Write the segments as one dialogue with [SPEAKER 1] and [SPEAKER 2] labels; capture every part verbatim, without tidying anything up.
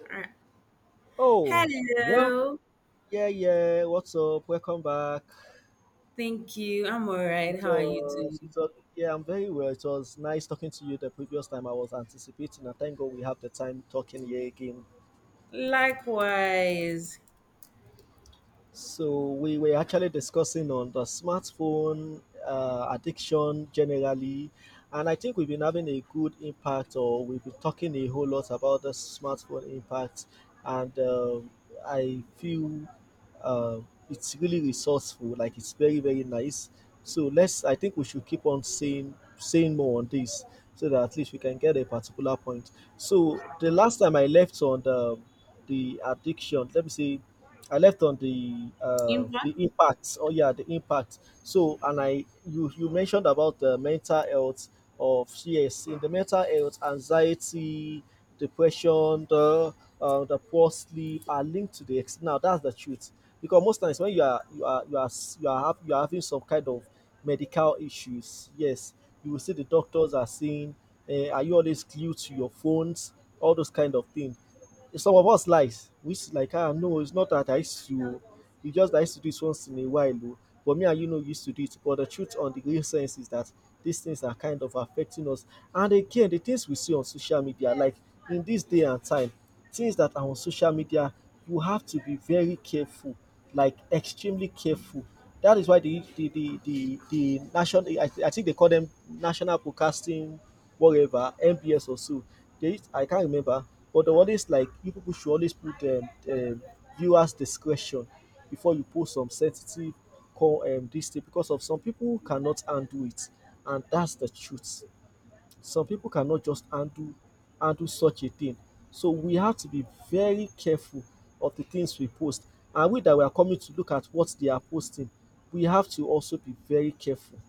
[SPEAKER 1] Alright.
[SPEAKER 2] Oh, well,
[SPEAKER 1] Hello.
[SPEAKER 2] yeah, yeah. What's up? Welcome back.
[SPEAKER 1] Thank you. I'm all
[SPEAKER 2] It
[SPEAKER 1] right. How are you
[SPEAKER 2] was, it
[SPEAKER 1] doing?
[SPEAKER 2] was, yeah, I'm very well. It was nice talking to you the previous time I was anticipating, and thank God we have the time talking here again.
[SPEAKER 1] Likewise.
[SPEAKER 2] So we were actually discussing on the smartphone uh, addiction generally, and I think we've been having a good impact, or we've been talking a whole lot about the smartphone impact, and um I feel uh, it's really resourceful, like it's very very nice. So let's, I think we should keep on saying saying more on this, so that at least we can get a particular point. So the last time I left on the the addiction, let me say I left on the uh,
[SPEAKER 1] Impact.
[SPEAKER 2] the impact. Oh yeah, the impact. So and I you you mentioned about the mental health of, yes, in the mental health anxiety, depression, the uh, the poor sleep are linked to the ex-. Now that's the truth, because most times when you are you are you are s- you are, hav- you are having some kind of medical issues, yes, you will see the doctors are saying, uh, are you always glued to your phones, all those kind of things. Some of us likes, which like, ah no, it's not that I used to. Oh. You just I used to do it once in a while. Oh. But me and you know used to do it. But the truth on the real sense is that these things are kind of affecting us. And again, the things we see on social media, like in this day and time, things that are on social media, you have to be very careful, like extremely careful. That is why the the the the, the national, I, I think they call them national broadcasting whatever, M B S or so. There is, I can't remember, but the one is like, you people should always put um, um, viewers discretion before you post some sensitive, call um, this thing, because of, some people cannot handle it, and that's the truth. Some people cannot just handle handle such a thing. So we have to be very careful of the things we post, and we that we are coming to look at what they are posting, we have to also be very careful.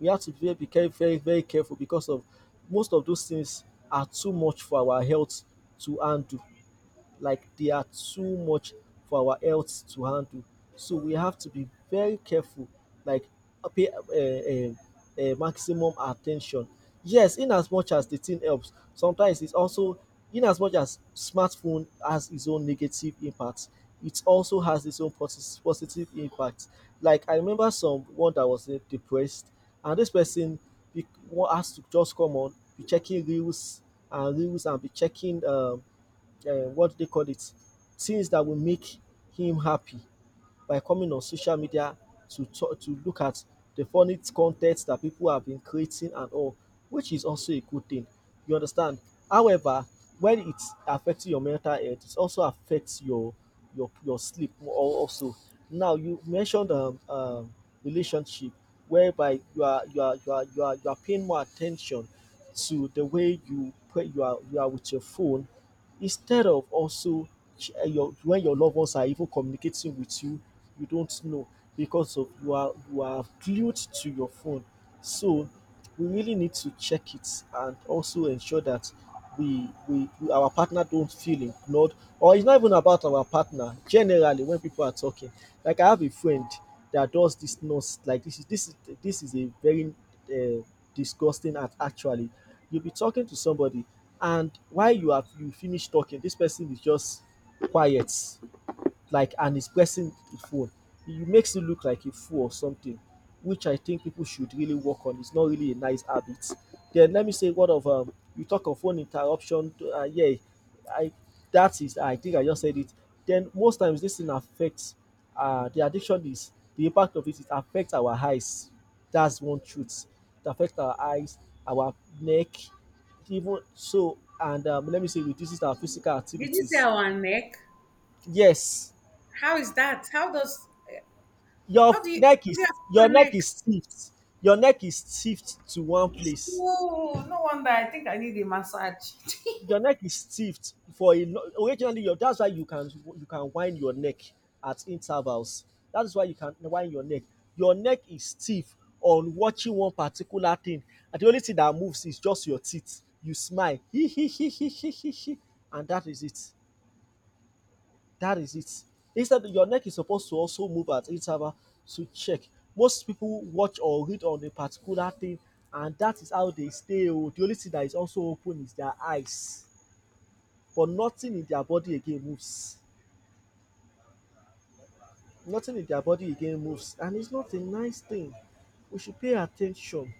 [SPEAKER 2] We have to be very, very, very careful because of most of those things are too much for our health to handle, like they are too much for our health to handle. So we have to be very careful, like uh, pay uh, uh, uh, maximum attention. Yes, in as much as the thing helps, sometimes it's also, in as much as smartphone has its own negative impact, it also has its own posi- positive impact. Like I remember someone that was uh, depressed, and this person be, wa- has to just come on be checking reels and reels and be checking um, uh, what they call it? Things that will make him happy by coming on social media to talk to look at the funny content that people have been creating and all, which is also a good thing. You understand? However, when it's affecting your mental health, it also affects your your your sleep al- also. Now you mentioned um, um relationship, whereby you are you are you are you are you are paying more attention to the way you put you are you are with your phone instead of also, ch- eh, your when your loved ones are even communicating with you, you don't know, because of you are you are glued to your phone. So we really need to check it and also ensure that we, we, we our partner don't feel ignored, or it's not even about our partner, generally, when people are talking. Like, I have a friend that does this nonsense, like, this is this is this is a very uh, disgusting act, actually. You'll be talking to somebody, and while you have you finish talking, this person is just quiet, like, and is pressing the phone. It makes you look like a fool or something, which I think people should really work on. It's not really a nice habit. Then let me say, what of um you talk of phone interruption. Uh, yeah, I that is I think I just said it. Then most times this thing affects, uh the addiction is, the impact of it. It affects our eyes. That's one truth. It affects our eyes, our neck, even so. And um, let me say, reduces our physical
[SPEAKER 1] Did you say
[SPEAKER 2] activities.
[SPEAKER 1] our neck?
[SPEAKER 2] Yes,
[SPEAKER 1] How is that? How does
[SPEAKER 2] your
[SPEAKER 1] how do
[SPEAKER 2] f-
[SPEAKER 1] you how
[SPEAKER 2] neck
[SPEAKER 1] does
[SPEAKER 2] is
[SPEAKER 1] it affect your
[SPEAKER 2] your neck
[SPEAKER 1] neck?
[SPEAKER 2] is stiffed your neck is stiffed to one place,
[SPEAKER 1] Oh, no wonder. I think I need a massage.
[SPEAKER 2] your neck is stiffed for a lo- originally, your that's why you can, you can wind your neck at intervals, that is why you can wind your neck. Your neck is stiff on watching one particular thing, and the only thing that moves is just your teeth. You smile hee hee hee hee hee hee, and that is it. That is it. Instead, your neck is supposed to also move at interval to check. Most people watch or read on a particular thing, and that is how they stay. Oh. The only thing that is also open is their eyes, but nothing in their body again moves. Nothing in their body again moves, and it's not a nice thing. We should pay attention.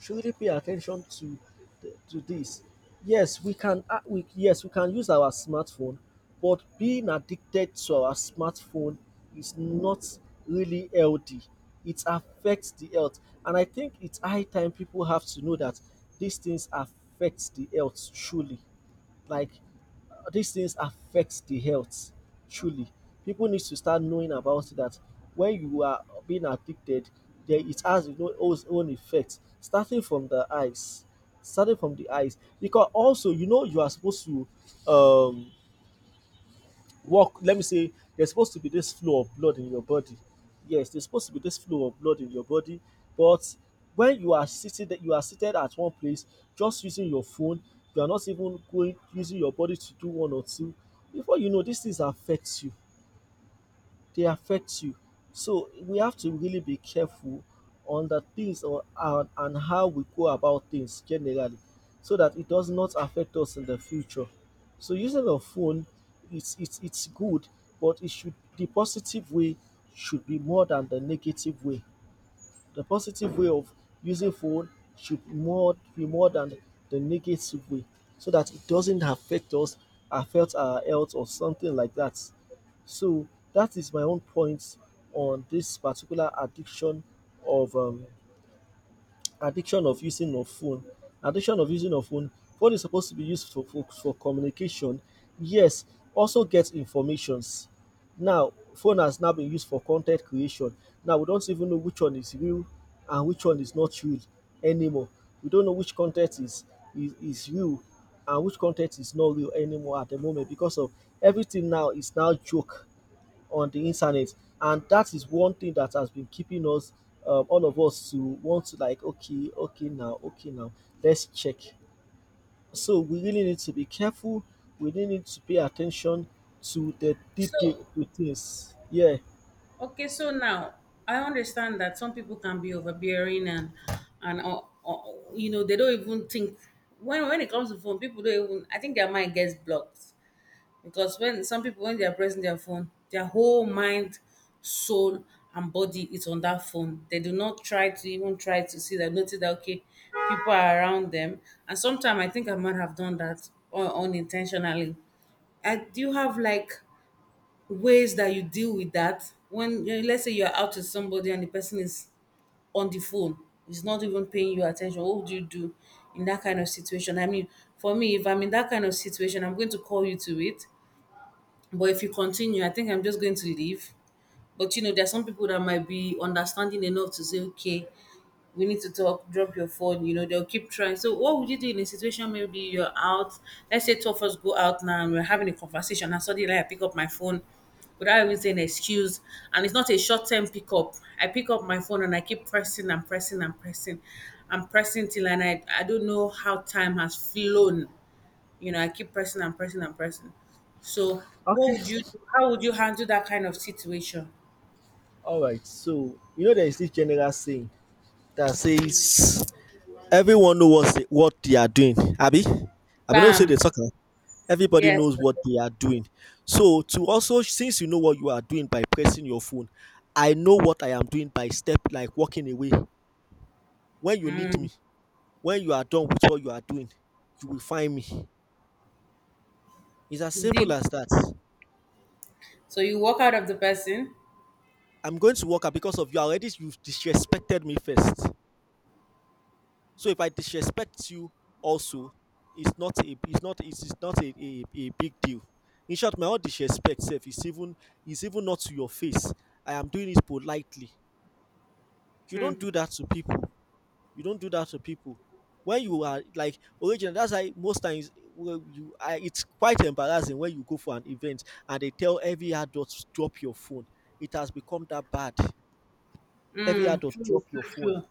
[SPEAKER 2] Should really pay attention to the, to this. Yes, we can, uh, we yes we can use our smartphone, but being addicted to our smartphone is not really healthy. It affects the health, and I think it's high time people have to know that these things affect the health truly. Like, these things affect the health truly. People need to start knowing about it, that when you are being addicted, there it has its own its own effect. Starting from the eyes, starting from the eyes, because also, you know you are supposed to, um walk. Let me say there's supposed to be this flow of blood in your body, yes, there's supposed to be this flow of blood in your body, but when you are sitting you are seated at one place, just using your phone. You are not even going using your body to do one or two. Before you know, these things affect you. They affect you. So we have to really be careful on the things, or and, and how we go about things generally, so that it does not affect us in the future. So using a phone, it's it's it's good, but it should the positive way should be more than the negative way. The positive way of using phone should, more be more than the negative way, so that it doesn't affect us, affect our health or something like that. So that is my own point on this particular addiction of, um, addiction of using of phone. Addiction of using of phone. Phone is supposed to be used for, for, for communication. Yes, also get informations. Now, phone has now been used for content creation. Now, we don't even know which one is real and which one is not real anymore. We don't know which content is, is, is real, and which content is not real anymore at the moment, because of everything now is now joke on the internet. And that is one thing that has been keeping us, um, all of us, to want to, like, okay, okay, now, okay, now, let's check. So we really need to be careful. We really need to pay attention to the detail
[SPEAKER 1] So
[SPEAKER 2] of the things. Yeah.
[SPEAKER 1] okay, so now I understand that some people can be overbearing and and uh, uh, you know they don't even think when when it comes to phone, people don't even. I think their mind gets blocked. Because when some people when they are pressing their phone, their whole mind, soul and body is on that phone. They do not try to even try to see that notice that okay, people are around them. And sometimes I think I might have done that un- unintentionally. I, do you have like ways that you deal with that when you know, let's say you're out with somebody and the person is on the phone, is not even paying you attention? What would you do in that kind of situation? I mean, for me, if I'm in that kind of situation, I'm going to call you to it, but if you continue, I think I'm just going to leave. But you know, there are some people that might be understanding enough to say, okay, we need to talk, drop your phone. You know, they'll keep trying. So, what would you do in a situation? Maybe you're out, let's say two of us go out now and we're having a conversation, and suddenly, like, I pick up my phone without even saying excuse. And it's not a short term pickup. I pick up my phone and I keep pressing and pressing and pressing. And pressing till, and I, I don't know how time has flown. You know, I keep pressing and pressing and pressing. So,
[SPEAKER 2] Okay.
[SPEAKER 1] what would you do? How would you handle that kind of situation?
[SPEAKER 2] All right. So, you know, there is this general saying that says, everyone knows what say what they are doing, Abby. I no be say
[SPEAKER 1] Bam.
[SPEAKER 2] dey talk am. Everybody
[SPEAKER 1] Yes,
[SPEAKER 2] knows what they are doing. So, to also, since you know what you are doing by pressing your phone, I know what I am doing by step, like, walking away. When you need me, when you are done with what you are doing, you will find me. It's as simple
[SPEAKER 1] deep.
[SPEAKER 2] as that.
[SPEAKER 1] So you walk out of the person.
[SPEAKER 2] I'm going to walk out, because of, you already, you've disrespected me first. So if I disrespect you also, it's not a it's not it's, it's not a, a, a big deal. In short, my own disrespect self is even, is even not to your face. I am doing it politely. You don't do that to people. You don't do that to people. When you are, like, original, that's why most times, well, you I, it's quite embarrassing when you go for an event, and they tell every adult to drop your phone. It has become that bad. Every
[SPEAKER 1] Mm,
[SPEAKER 2] adult
[SPEAKER 1] true,
[SPEAKER 2] drop your
[SPEAKER 1] true,
[SPEAKER 2] phone,
[SPEAKER 1] true.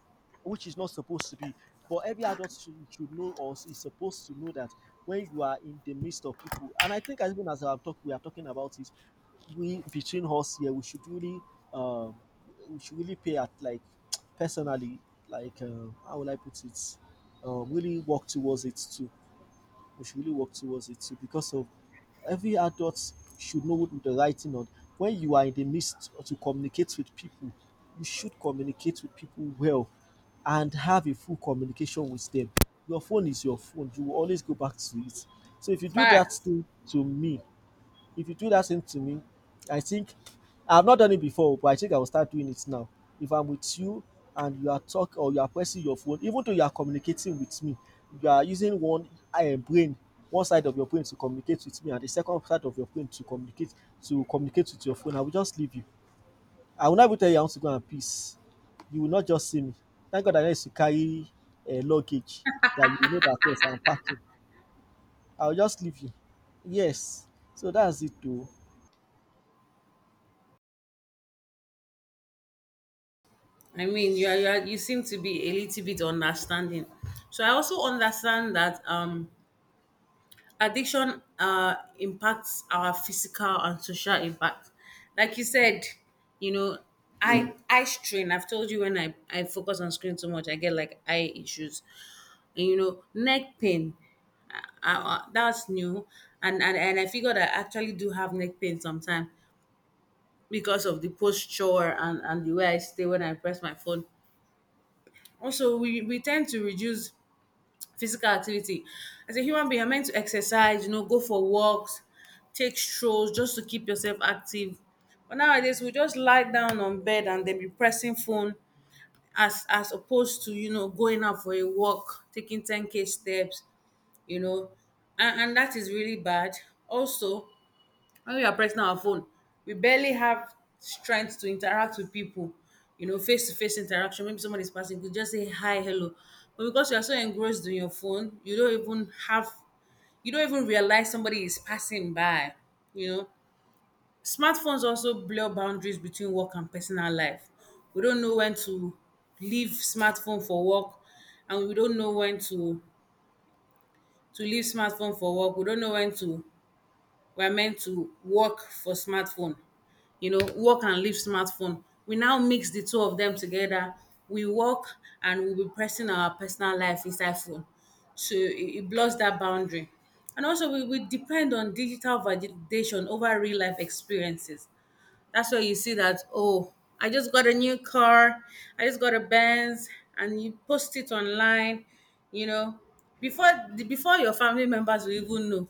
[SPEAKER 2] which is not supposed to be, but every adult should, should know or is supposed to know that when you are in the midst of people, and I think as even as I'm talking we are talking about it. We between us here we should really um we should really pay at like, personally, like um how will I put it um really work towards it to, we should really work towards it too because of every adult should know what the writing on. When you are in the midst to communicate with people, you should communicate with people well and have a full communication with them. Your phone is your phone. You will always go back to it. So if you do that
[SPEAKER 1] Fact.
[SPEAKER 2] thing to me, if you do that same to me, I think I've not done it before, but I think I will start doing it now. If I'm with you and you are talking or you are pressing your phone, even though you are communicating with me, you are using one um, brain, one side of your brain to communicate with me, and the second side of your brain to communicate to communicate with your phone. I will just leave you. I will never tell you I want to go and peace. You will not just see me. Thank God I need to carry a luggage that you will know that yes, I'm packing. I will just leave you. Yes. So that's it too.
[SPEAKER 1] I mean, you are, you, are, you seem to be a little bit understanding. So I also understand that um, addiction uh, impacts our physical and social impact. Like you said, you know, I I strain. I've told you when I I focus on screen too much, I get like eye issues. And, you know, neck pain, uh, uh, uh, that's new. And, and and I figured I actually do have neck pain sometimes because of the posture and, and the way I stay when I press my phone. Also, we, we tend to reduce physical activity. As a human being, you're meant to exercise, you know, go for walks, take strolls just to keep yourself active. But nowadays, we just lie down on bed and then be pressing phone as as opposed to, you know, going out for a walk, taking ten k steps, you know, and, and that is really bad. Also, when we are pressing our phone, we barely have strength to interact with people, you know, face to face interaction. Maybe someone is passing, you just say hi, hello. But because you are so engrossed in your phone, you don't even have, you don't even realize somebody is passing by, you know. Smartphones also blur boundaries between work and personal life. We don't know when to leave smartphone for work, and we don't know when to to leave smartphone for work. We don't know when to we're meant to work for smartphone, you know, work and leave smartphone. We now mix the two of them together. We work and we'll be pressing our personal life inside phone. So it, it blurs that boundary. And also, we, we depend on digital validation over real life experiences. That's where you see that, oh, I just got a new car, I just got a Benz, and you post it online, you know, before the- before your family members will even know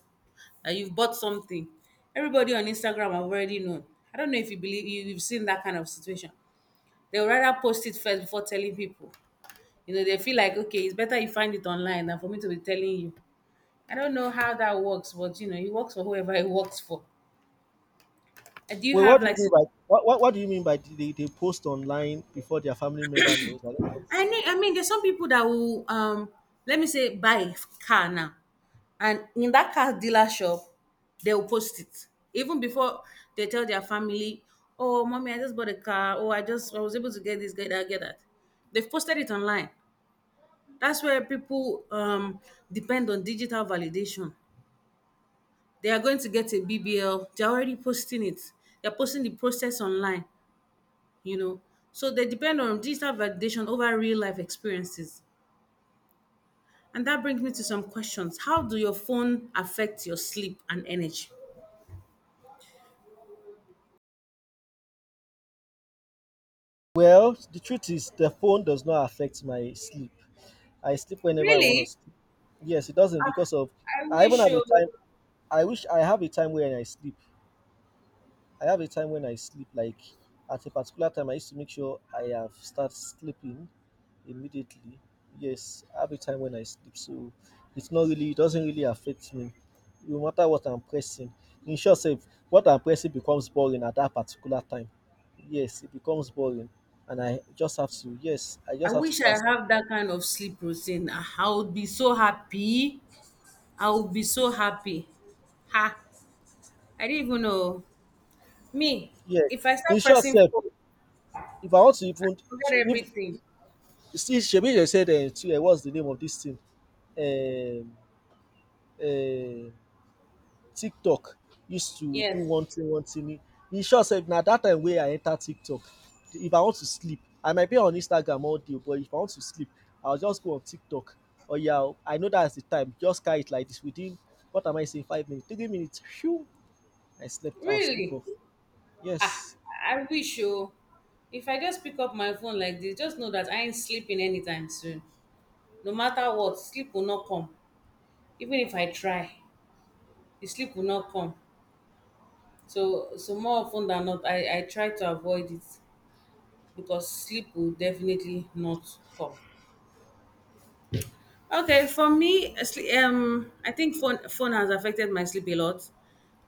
[SPEAKER 1] that you've bought something. Everybody on Instagram have already known. I don't know if you believe you, you've seen that kind of situation. They'll rather post it first before telling people. You know, they feel like, okay, it's better you find it online than for me to be telling you. I don't know how that works, but you know, it works for whoever it works for. Uh, Do you
[SPEAKER 2] Well,
[SPEAKER 1] have
[SPEAKER 2] what do
[SPEAKER 1] like
[SPEAKER 2] you mean by what, what, what do you mean by they, they post online before their family member knows? I don't get.
[SPEAKER 1] I mean, I mean, there's some people that will, um, let me say, buy a car now, and in that car dealer shop, they will post it even before they tell their family, "Oh, mommy, I just bought a car. Oh, I just I was able to get this, get that, get that." They've posted it online. That's where people um, depend on digital validation. They are going to get a B B L. They're already posting it. They're posting the process online. You know, so they depend on digital validation over real life experiences. And that brings me to some questions. How do your phone affect your sleep and energy?
[SPEAKER 2] Well, the truth is the phone does not affect my sleep. I sleep whenever I want to
[SPEAKER 1] Really?
[SPEAKER 2] sleep. Yes, it doesn't because of,
[SPEAKER 1] I
[SPEAKER 2] I even
[SPEAKER 1] wish
[SPEAKER 2] have a
[SPEAKER 1] you.
[SPEAKER 2] time, I wish I have a time when I sleep. I have a time when I sleep like at a particular time I used to make sure I have start sleeping immediately. Yes, I have a time when I sleep, so it's not really, it doesn't really affect me. No matter what I'm pressing. In short sef, what I'm pressing becomes boring at that particular time. Yes, it becomes boring, and I just have to, yes, I
[SPEAKER 1] I
[SPEAKER 2] just have to
[SPEAKER 1] wish I
[SPEAKER 2] start,
[SPEAKER 1] have that kind of sleep routine. Ah, I would be so happy. I would be so happy. Ha! I didn't even know. Me,
[SPEAKER 2] yeah.
[SPEAKER 1] if I start
[SPEAKER 2] In short
[SPEAKER 1] pressing
[SPEAKER 2] sef,
[SPEAKER 1] phone,
[SPEAKER 2] if I want to even,
[SPEAKER 1] forget everything.
[SPEAKER 2] if see shebi dey said um what's the name of this thing, um um TikTok, used to do
[SPEAKER 1] Yes.
[SPEAKER 2] one thing one thing. E sure sey na dat time wey I enter TikTok, if I want to sleep I might be on Instagram all day, but if I want to sleep I will just go on TikTok. Oya o, I know that's the time just carry it like this within what am I saying, five minutes, three minutes um I slept, I've sleep
[SPEAKER 1] Really?
[SPEAKER 2] off.
[SPEAKER 1] Ah,
[SPEAKER 2] Yes,
[SPEAKER 1] I wish you. If I just pick up my phone like this, just know that I ain't sleeping anytime soon. No matter what, sleep will not come. Even if I try, the sleep will not come. So, so more of ten than not, i i try to avoid it because sleep will definitely not come. Okay, for me, sle- um, I think phone phone has affected my sleep a lot.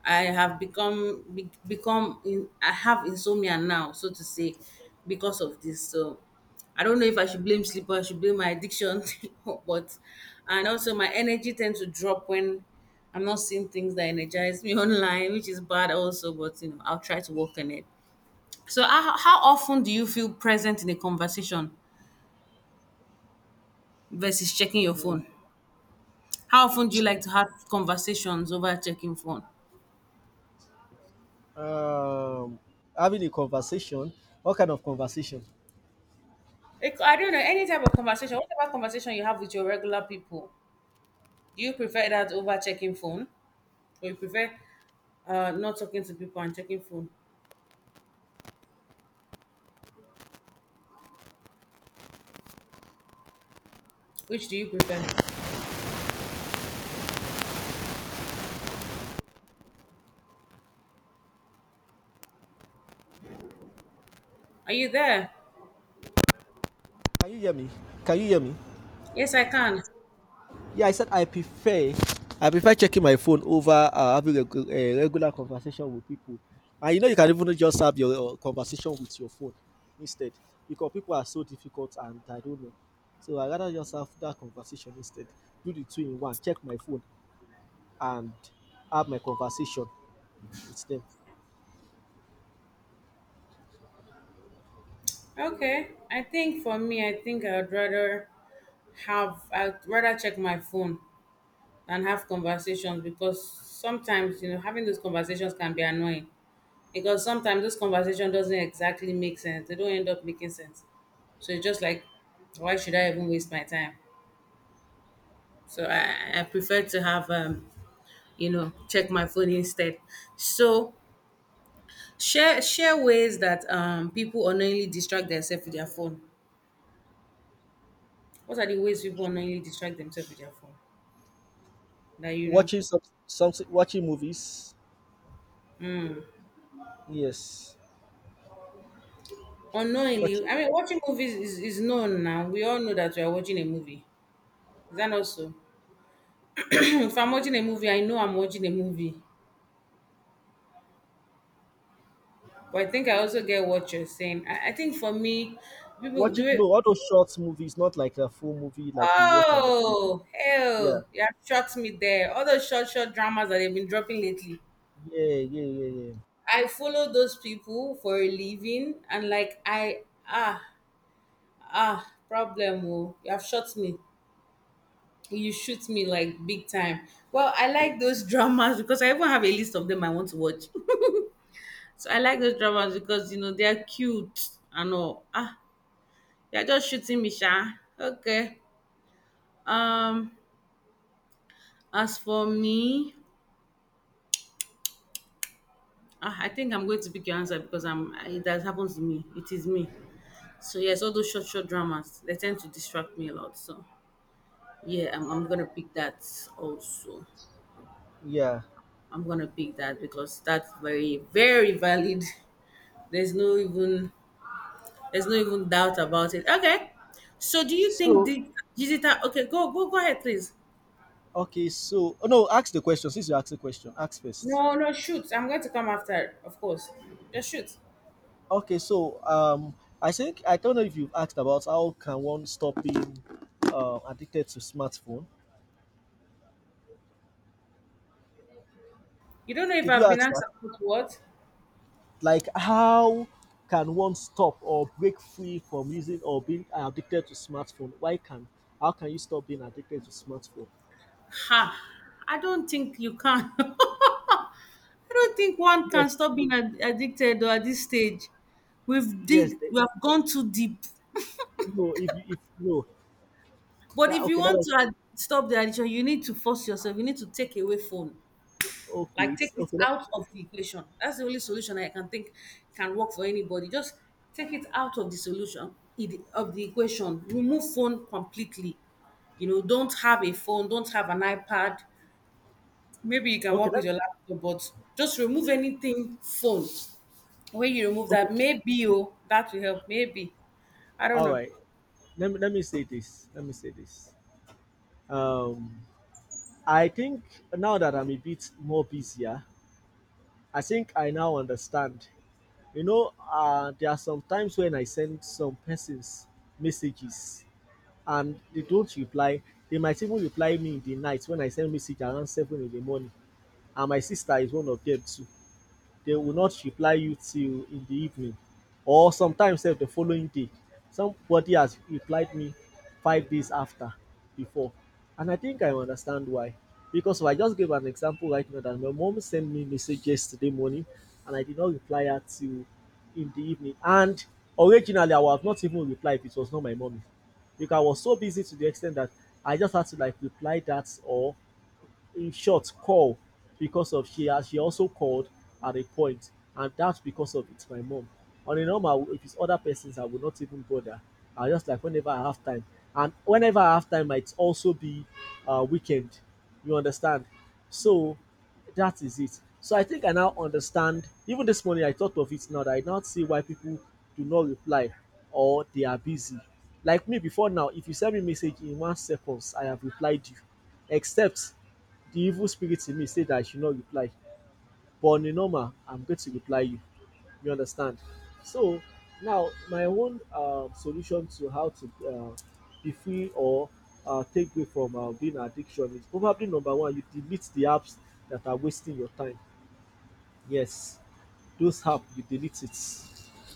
[SPEAKER 1] I have become be, become in, I have insomnia now, so to say, because of this. So I don't know if I should blame sleep or I should blame my addiction, but and also my energy tends to drop when I'm not seeing things that energize me online, which is bad also. But you know, I'll try to work on it. So how, how often do you feel present in a conversation versus checking your phone? How often do you like to have conversations over checking phone?
[SPEAKER 2] um having a conversation, what kind of conversation?
[SPEAKER 1] It- I don't know any type of conversation. Whatever conversation you have with your regular people, do you prefer that over checking phone, or you prefer uh, not talking to people and checking phone? Which do you prefer? Are you there?
[SPEAKER 2] Can you hear me? Can you hear me?
[SPEAKER 1] Yes, I can.
[SPEAKER 2] Yeah, I said I prefer, I prefer checking my phone over uh, having a, g- a regular conversation with people. And you know, you can even just have your uh, conversation with your phone instead, because people are so difficult and I don't know. So I rather just have that conversation instead. Do the two in one. Check my phone and have my conversation with them.
[SPEAKER 1] Okay. I think for me, I think I'd rather have I'd rather check my phone than have conversations because sometimes you know having those conversations can be annoying. Because sometimes this conversation doesn't exactly make sense. They don't end up making sense. So it's just like, why should I even waste my time? So I, I prefer to have um, you know, check my phone instead. So share share ways that um people unknowingly distract themselves with their phone. What are the ways people unknowingly distract themselves with their phone? That you know.
[SPEAKER 2] Watching some, something, watching movies. Yes,
[SPEAKER 1] Unknowingly, I
[SPEAKER 2] watching
[SPEAKER 1] mean watching movies is, is known now. We all know that we are watching a movie. Is that also? If I'm watching a movie, I know I'm watching a movie. But I think I also get what you're saying. I, I think for me, people do
[SPEAKER 2] watching.
[SPEAKER 1] it.
[SPEAKER 2] No, all those short movies, not like a full movie like you watch on the T V.
[SPEAKER 1] Oh,
[SPEAKER 2] Yeah.
[SPEAKER 1] hell, you have shocked me there. All those short, short dramas that they've been dropping lately.
[SPEAKER 2] Yeah, yeah, yeah, yeah.
[SPEAKER 1] I follow those people for a living, and like I ah ah problem. Oh, you have shot me. You shoot me like big time. Well, I like those dramas because I even have a list of them I want to watch. So I like those dramas because you know they are cute and all. Ah, they are just shooting me, sha. Okay. Um, as for me, ah, I think I'm going to pick your answer because I'm I, that happens to me. It is me. So yes, all those short short dramas they tend to distract me a lot. So yeah, I'm, I'm gonna pick that also.
[SPEAKER 2] Yeah.
[SPEAKER 1] I'm gonna pick that because that's very very valid. There's no even there's no even doubt about it. Okay. So do you think
[SPEAKER 2] So
[SPEAKER 1] the digital? Okay, go go go ahead, please.
[SPEAKER 2] okay, so oh, no, ask the question since you asked the question. Ask first.
[SPEAKER 1] No, no, shoot. I'm going to come after, of course. Just shoot.
[SPEAKER 2] Okay, so um, I think I don't know if you've asked about how can one stop being uh, addicted to smartphone.
[SPEAKER 1] You don't know if
[SPEAKER 2] Did you
[SPEAKER 1] I've been
[SPEAKER 2] ask
[SPEAKER 1] asked
[SPEAKER 2] that?
[SPEAKER 1] about what.
[SPEAKER 2] Like how can one stop or break free from using or being addicted to smartphone? Why can, how can you stop being addicted to smartphone?
[SPEAKER 1] Ha! I don't think you can. I don't think one can
[SPEAKER 2] Yes,
[SPEAKER 1] stop being ad- addicted or at this stage. We've dig,
[SPEAKER 2] yes. They-
[SPEAKER 1] we have gone too deep.
[SPEAKER 2] no, if you- if no,
[SPEAKER 1] But
[SPEAKER 2] that
[SPEAKER 1] if you
[SPEAKER 2] okay. Let
[SPEAKER 1] want
[SPEAKER 2] us
[SPEAKER 1] to ad- stop the addiction, you need to force yourself. You need to take away phone,
[SPEAKER 2] okay.
[SPEAKER 1] like take
[SPEAKER 2] It's
[SPEAKER 1] it
[SPEAKER 2] okay. Let,
[SPEAKER 1] out of the equation. That's the only solution I can think can work for anybody. Just take it out of the solution it- of the equation. Remove phone completely. You know, don't have a phone, don't have an iPad. Maybe you can
[SPEAKER 2] okay.
[SPEAKER 1] work with
[SPEAKER 2] Let,
[SPEAKER 1] your laptop, but just remove anything phone. When you remove
[SPEAKER 2] okay.
[SPEAKER 1] that, maybe oh, that will help. Maybe I don't
[SPEAKER 2] All
[SPEAKER 1] know.
[SPEAKER 2] right. let me, let me say this, let me say this, um I think now that I'm a bit more busier, I think I now understand. You know, uh there are some times when I send some persons messages and they don't reply. They might even reply me in the night when I send message around seven in the morning, and my sister is one of them too. They will not reply you till in the evening, or sometimes sef the following day. Somebody has replied me five days after before, and I think I understand why, because if I just give an example right now that my mom sent me message yesterday morning and I did not reply her till in the evening, and originally I would have not even replied if it was not my mommy, because I was so busy to the extent that I just had to like reply that or in short, call because of she has she also called at a point, and that's because of it's my mom. On a normal, if it's other persons, I would not even bother. I just like whenever I have time, and whenever I have time, might also be uh, weekend. You understand? So that is it. So I think I now understand. Even this morning, I thought of it now that I now see why people do not reply or they are busy. Like me before now, if you send me message in one seconds, I have replied you. Except the evil spirit in me said that I should not reply. But on a normal, I'm going to reply you. You understand? So now my own um, solution to how to uh, be free or uh, take away from uh, being an addiction is probably number one, you delete the apps that are wasting your time. Yes, those apps you delete it.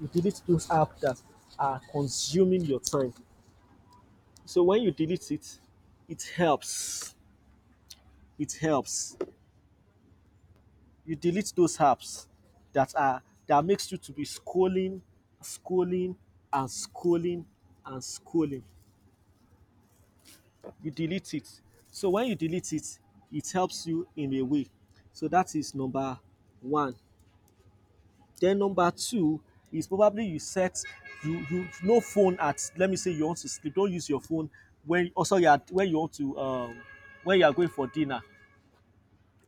[SPEAKER 2] You delete those apps that are consuming your time. So when you delete it, it helps. It helps. You delete those apps that are that makes you to be scrolling, scrolling, and scrolling and scrolling. You delete it. So when you delete it, it helps you in a way. So that is number one. Then number two is probably you set, you you no phone at, let me say you want to sleep. Don't use your phone when, oh sorry at, when you want to um when you are going for dinner.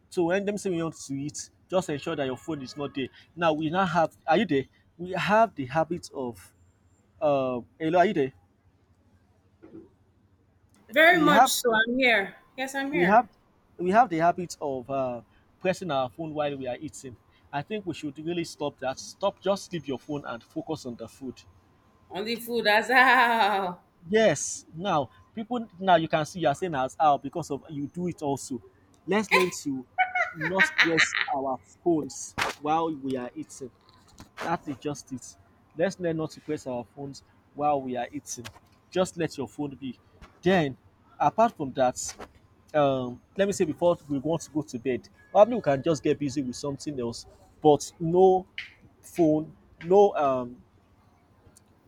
[SPEAKER 2] So when them say we want to eat, just ensure that your phone is not there. Now we now have, are you there? We have the habit of uh hello, are you there?
[SPEAKER 1] Very
[SPEAKER 2] We
[SPEAKER 1] much
[SPEAKER 2] have
[SPEAKER 1] so. I'm here. Yes, I'm
[SPEAKER 2] we
[SPEAKER 1] here.
[SPEAKER 2] have we have the habit of uh pressing our phone while we are eating. I think we should really stop that. Stop, just leave your phone and focus on the food.
[SPEAKER 1] Only food. That's how.
[SPEAKER 2] Yes. Now people now you can see you are saying as how because of you do it also. Let's learn to not press our phones while we are eating. That is just it. Let's learn not to press our phones while we are eating. Just let your phone be. Then, apart from that, um, let me say before we want to go to bed, probably we can just get busy with something else, but no phone, no um,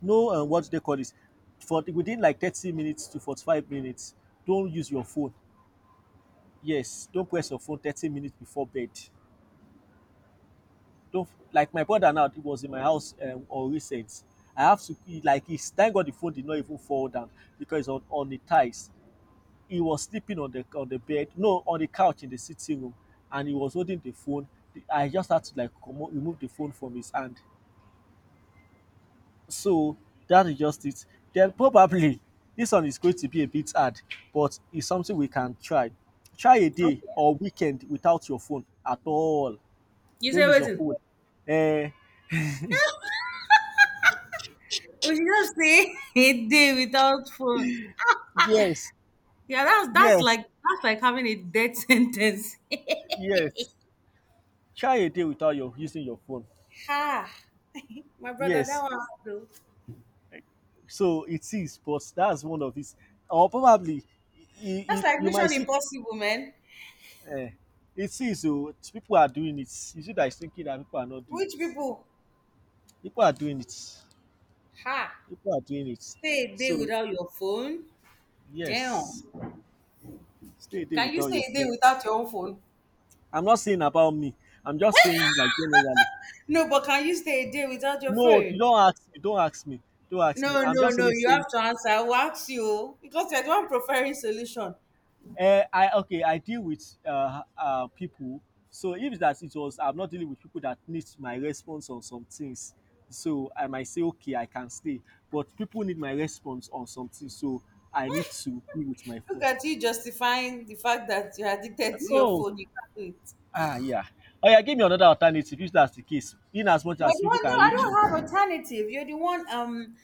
[SPEAKER 2] no um, what do they call this? For within like thirty minutes to forty-five minutes, don't use your phone. Yes, don't press your phone thirty minutes before bed. Don't, like my brother now, he was in my house um, on recent, I have to he- like he's, thank God the phone did not even fall down because it's on on the ties. He was sleeping on the on the bed, no, on the couch in the sitting room, and he was holding the phone. The- I just had to like comot remove the phone from his hand. So that is just it. Then probably this one is going to be a bit hard, but it's something we can try. Try a day
[SPEAKER 1] Okay.
[SPEAKER 2] or weekend without your phone at all.
[SPEAKER 1] You
[SPEAKER 2] Don't
[SPEAKER 1] say
[SPEAKER 2] use your
[SPEAKER 1] waiting.
[SPEAKER 2] phone, uh,
[SPEAKER 1] We should just say a day without food.
[SPEAKER 2] yes,
[SPEAKER 1] Yeah, that's that's
[SPEAKER 2] yes.
[SPEAKER 1] like that's like having a death sentence.
[SPEAKER 2] Yes, try a day without your using your phone.
[SPEAKER 1] Ha! My brother, that
[SPEAKER 2] Yes,
[SPEAKER 1] one hard though.
[SPEAKER 2] so it is, but that's one of these, or probably you,
[SPEAKER 1] That's
[SPEAKER 2] you,
[SPEAKER 1] like
[SPEAKER 2] you might
[SPEAKER 1] Mission
[SPEAKER 2] see.
[SPEAKER 1] Impossible, man.
[SPEAKER 2] Uh, it is, oh, people are doing it. You see that is thinking that people are not doing
[SPEAKER 1] Which
[SPEAKER 2] it.
[SPEAKER 1] people?
[SPEAKER 2] People are doing it.
[SPEAKER 1] Ha!
[SPEAKER 2] People are doing it.
[SPEAKER 1] Stay a day
[SPEAKER 2] So
[SPEAKER 1] without your phone. Damn.
[SPEAKER 2] yes, stay a day
[SPEAKER 1] Can you
[SPEAKER 2] without
[SPEAKER 1] stay
[SPEAKER 2] your
[SPEAKER 1] a day
[SPEAKER 2] phone.
[SPEAKER 1] without your own phone?
[SPEAKER 2] I'm not saying about me. I'm just saying like generally.
[SPEAKER 1] No, but can you stay a day without your
[SPEAKER 2] No, you
[SPEAKER 1] phone?
[SPEAKER 2] don't ask me. Don't ask me. Don't ask
[SPEAKER 1] No,
[SPEAKER 2] me. I'm
[SPEAKER 1] no,
[SPEAKER 2] just
[SPEAKER 1] no.
[SPEAKER 2] only
[SPEAKER 1] You
[SPEAKER 2] saying,
[SPEAKER 1] have to answer. I will ask you oh, because you're the one preferring solution.
[SPEAKER 2] eh, I okay, I deal with uh, uh, people. So if that it was, I'm not dealing with people that need my response on some things. So I might say, okay, I can stay, but people need my response on something. So I need to be with my
[SPEAKER 1] Look
[SPEAKER 2] phone.
[SPEAKER 1] at you justifying the fact that you're addicted to your
[SPEAKER 2] No,
[SPEAKER 1] phone. You can't do it.
[SPEAKER 2] ah, yeah. Oh yeah, give me another alternative if that's the case. In as much
[SPEAKER 1] You're
[SPEAKER 2] as
[SPEAKER 1] the
[SPEAKER 2] people
[SPEAKER 1] one. No,
[SPEAKER 2] can
[SPEAKER 1] I
[SPEAKER 2] reach you.
[SPEAKER 1] don't have alternative. You're the one um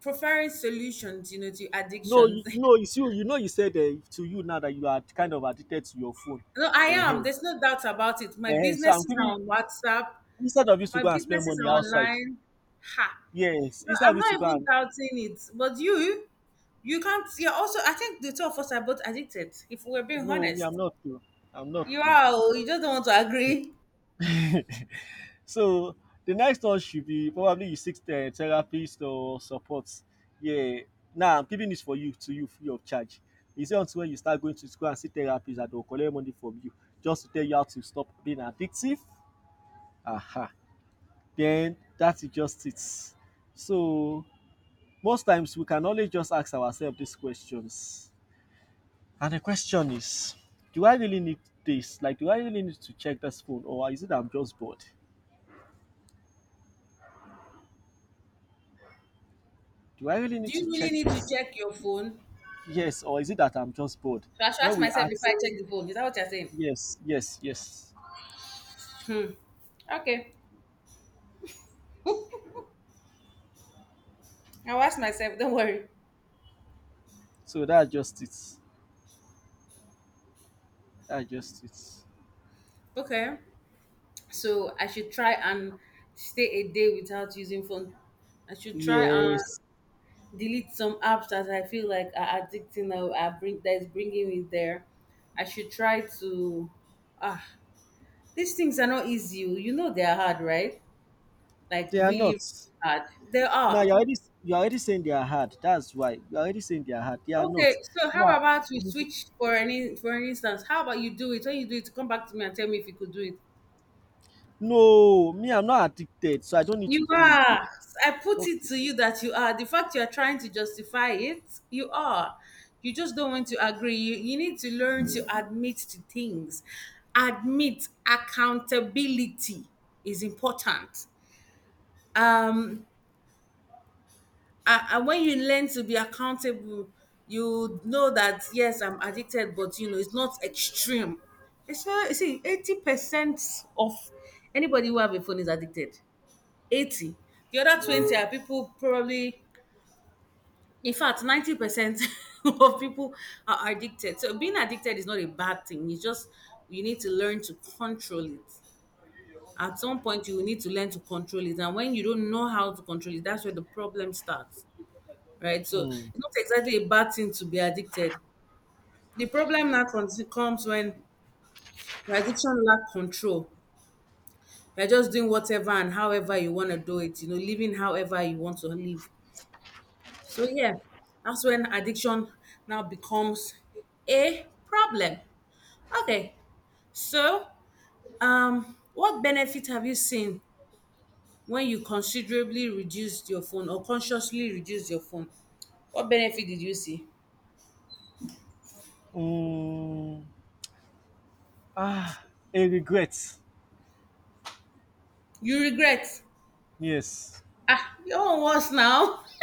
[SPEAKER 1] preferring solutions, you know, to
[SPEAKER 2] No,
[SPEAKER 1] addictions.
[SPEAKER 2] you, you know, it's you. You know, you said uh, to you now that you are kind of addicted to your phone.
[SPEAKER 1] No, I am.
[SPEAKER 2] Uh-huh.
[SPEAKER 1] There's no doubt about it. My
[SPEAKER 2] Uh-huh. So I'm
[SPEAKER 1] businesses
[SPEAKER 2] giving
[SPEAKER 1] are
[SPEAKER 2] you-
[SPEAKER 1] on WhatsApp.
[SPEAKER 2] instead of you to
[SPEAKER 1] My
[SPEAKER 2] go and spend
[SPEAKER 1] businesses are
[SPEAKER 2] money outside.
[SPEAKER 1] online. Ha.
[SPEAKER 2] Yes,
[SPEAKER 1] No,
[SPEAKER 2] instead
[SPEAKER 1] I'm
[SPEAKER 2] of you to
[SPEAKER 1] not
[SPEAKER 2] go
[SPEAKER 1] even
[SPEAKER 2] and
[SPEAKER 1] doubting it. But you, you can't. You're also. I think the two of us are both addicted. If we're being
[SPEAKER 2] no, me, I'm
[SPEAKER 1] honest,
[SPEAKER 2] not too. I'm not
[SPEAKER 1] you
[SPEAKER 2] too.
[SPEAKER 1] are. Oh, you just don't want to agree.
[SPEAKER 2] So the next one should be probably you seek the therapist or support. Yeah. Now I'm giving this for you to you free of charge. Is it until when you start going to school and see therapists that will collect money from you just to tell you how to stop being addictive? Aha. Then that is just it. So most times we can only just ask ourselves these questions. And the question is, do I really need this? Like, do I really need to check this phone, or is it I'm just bored? Do I really
[SPEAKER 1] Do
[SPEAKER 2] need to
[SPEAKER 1] you really
[SPEAKER 2] check
[SPEAKER 1] need to
[SPEAKER 2] this?
[SPEAKER 1] check your phone?
[SPEAKER 2] Yes, or is it that I'm just bored?
[SPEAKER 1] So I should
[SPEAKER 2] When
[SPEAKER 1] ask
[SPEAKER 2] we
[SPEAKER 1] myself before
[SPEAKER 2] ask,
[SPEAKER 1] I check the phone. Is that what you're saying?
[SPEAKER 2] yes, yes, yes.
[SPEAKER 1] Okay, I'll ask myself. Don't worry.
[SPEAKER 2] So that's just it. That's just it.
[SPEAKER 1] Okay. So I should try and stay a day without using phone. I should try and
[SPEAKER 2] Yes,
[SPEAKER 1] delete some apps that I feel like are addicting or are bring that is bringing me there. I should try to. Ah, these things are not easy, oh. You know they are hard, right? Like
[SPEAKER 2] they are not.
[SPEAKER 1] really, really hard. They are.
[SPEAKER 2] Now you're already, you're already saying they are hard. That's why you're already saying they are hard. They are
[SPEAKER 1] Okay,
[SPEAKER 2] not.
[SPEAKER 1] so how
[SPEAKER 2] Now,
[SPEAKER 1] about we switch for any for an instance? How about you do it? When you do it, come back to me and tell me if you could do it.
[SPEAKER 2] no, me, I'm not addicted, so I don't need to
[SPEAKER 1] You
[SPEAKER 2] do it.
[SPEAKER 1] are. I put it
[SPEAKER 2] Okay.
[SPEAKER 1] to you that you are. The fact you are trying to justify it, you are. You just don't want to agree. You, you need to learn to admit to things. Admit accountability is important. Um, and and when you learn to be accountable, you know that yes, I'm addicted, but you know it's not extreme. It's not. You see, eighty percent of anybody who have a phone is addicted. eighty, the other twenty are people probably, in fact ninety percent of people are addicted. So being addicted is not a bad thing. It's just you need to learn to control it. At some point you will need to learn to control it, and when you don't know how to control it, that's where the problem starts, right? So it's
[SPEAKER 2] Mm.
[SPEAKER 1] not exactly a bad thing to be addicted. The problem now cons- comes when your addiction lack control. You're just doing whatever and however you want to do it, you know, living however you want to live. So yeah, that's when addiction now becomes a problem. Okay, so um, what benefit have you seen when you considerably reduced your phone or consciously reduced your phone? What benefit did you see?
[SPEAKER 2] Mm. Ah, a regret.
[SPEAKER 1] You regret.
[SPEAKER 2] Yes.
[SPEAKER 1] Ah, your own worse now.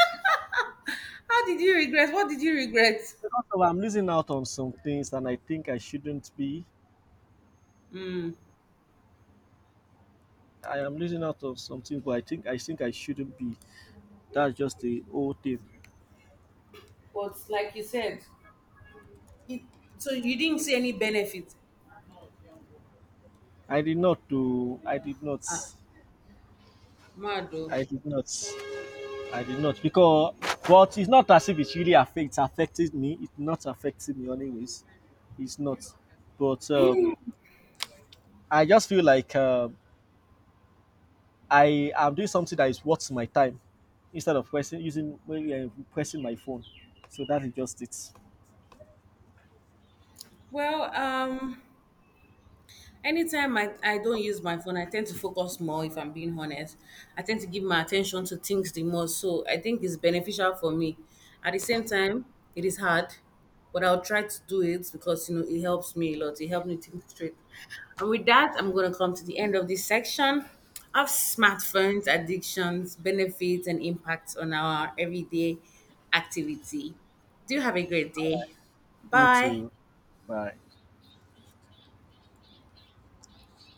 [SPEAKER 1] How did you regret? What did you regret?
[SPEAKER 2] Because of, I'm losing out on some things and I think I shouldn't be. I am losing out on something but I think I think I shouldn't be. That's just the whole thing.
[SPEAKER 1] But like you said, it, so you didn't see any benefit.
[SPEAKER 2] I did not do I did not
[SPEAKER 1] Mad though.
[SPEAKER 2] I did not I did not because, but it's not as if it really affects affected me. It's not affecting me anyways. It's not. But um I just feel like um I am doing something that is worth my time instead of pressing using, well, yeah, pressing my phone. So that is just it.
[SPEAKER 1] Well, um, anytime I, I don't use my phone, I tend to focus more if I'm being honest. I tend to give my attention to things the most. So I think it's beneficial for me. At the same time, it is hard, but I'll try to do it because you know it helps me a lot. It helps me think straight. And with that, I'm gonna come to the end of this section of smartphones, addictions, benefits, and impacts on our everyday activity. Do have a great day.
[SPEAKER 2] You
[SPEAKER 1] Bye.
[SPEAKER 2] too. Bye.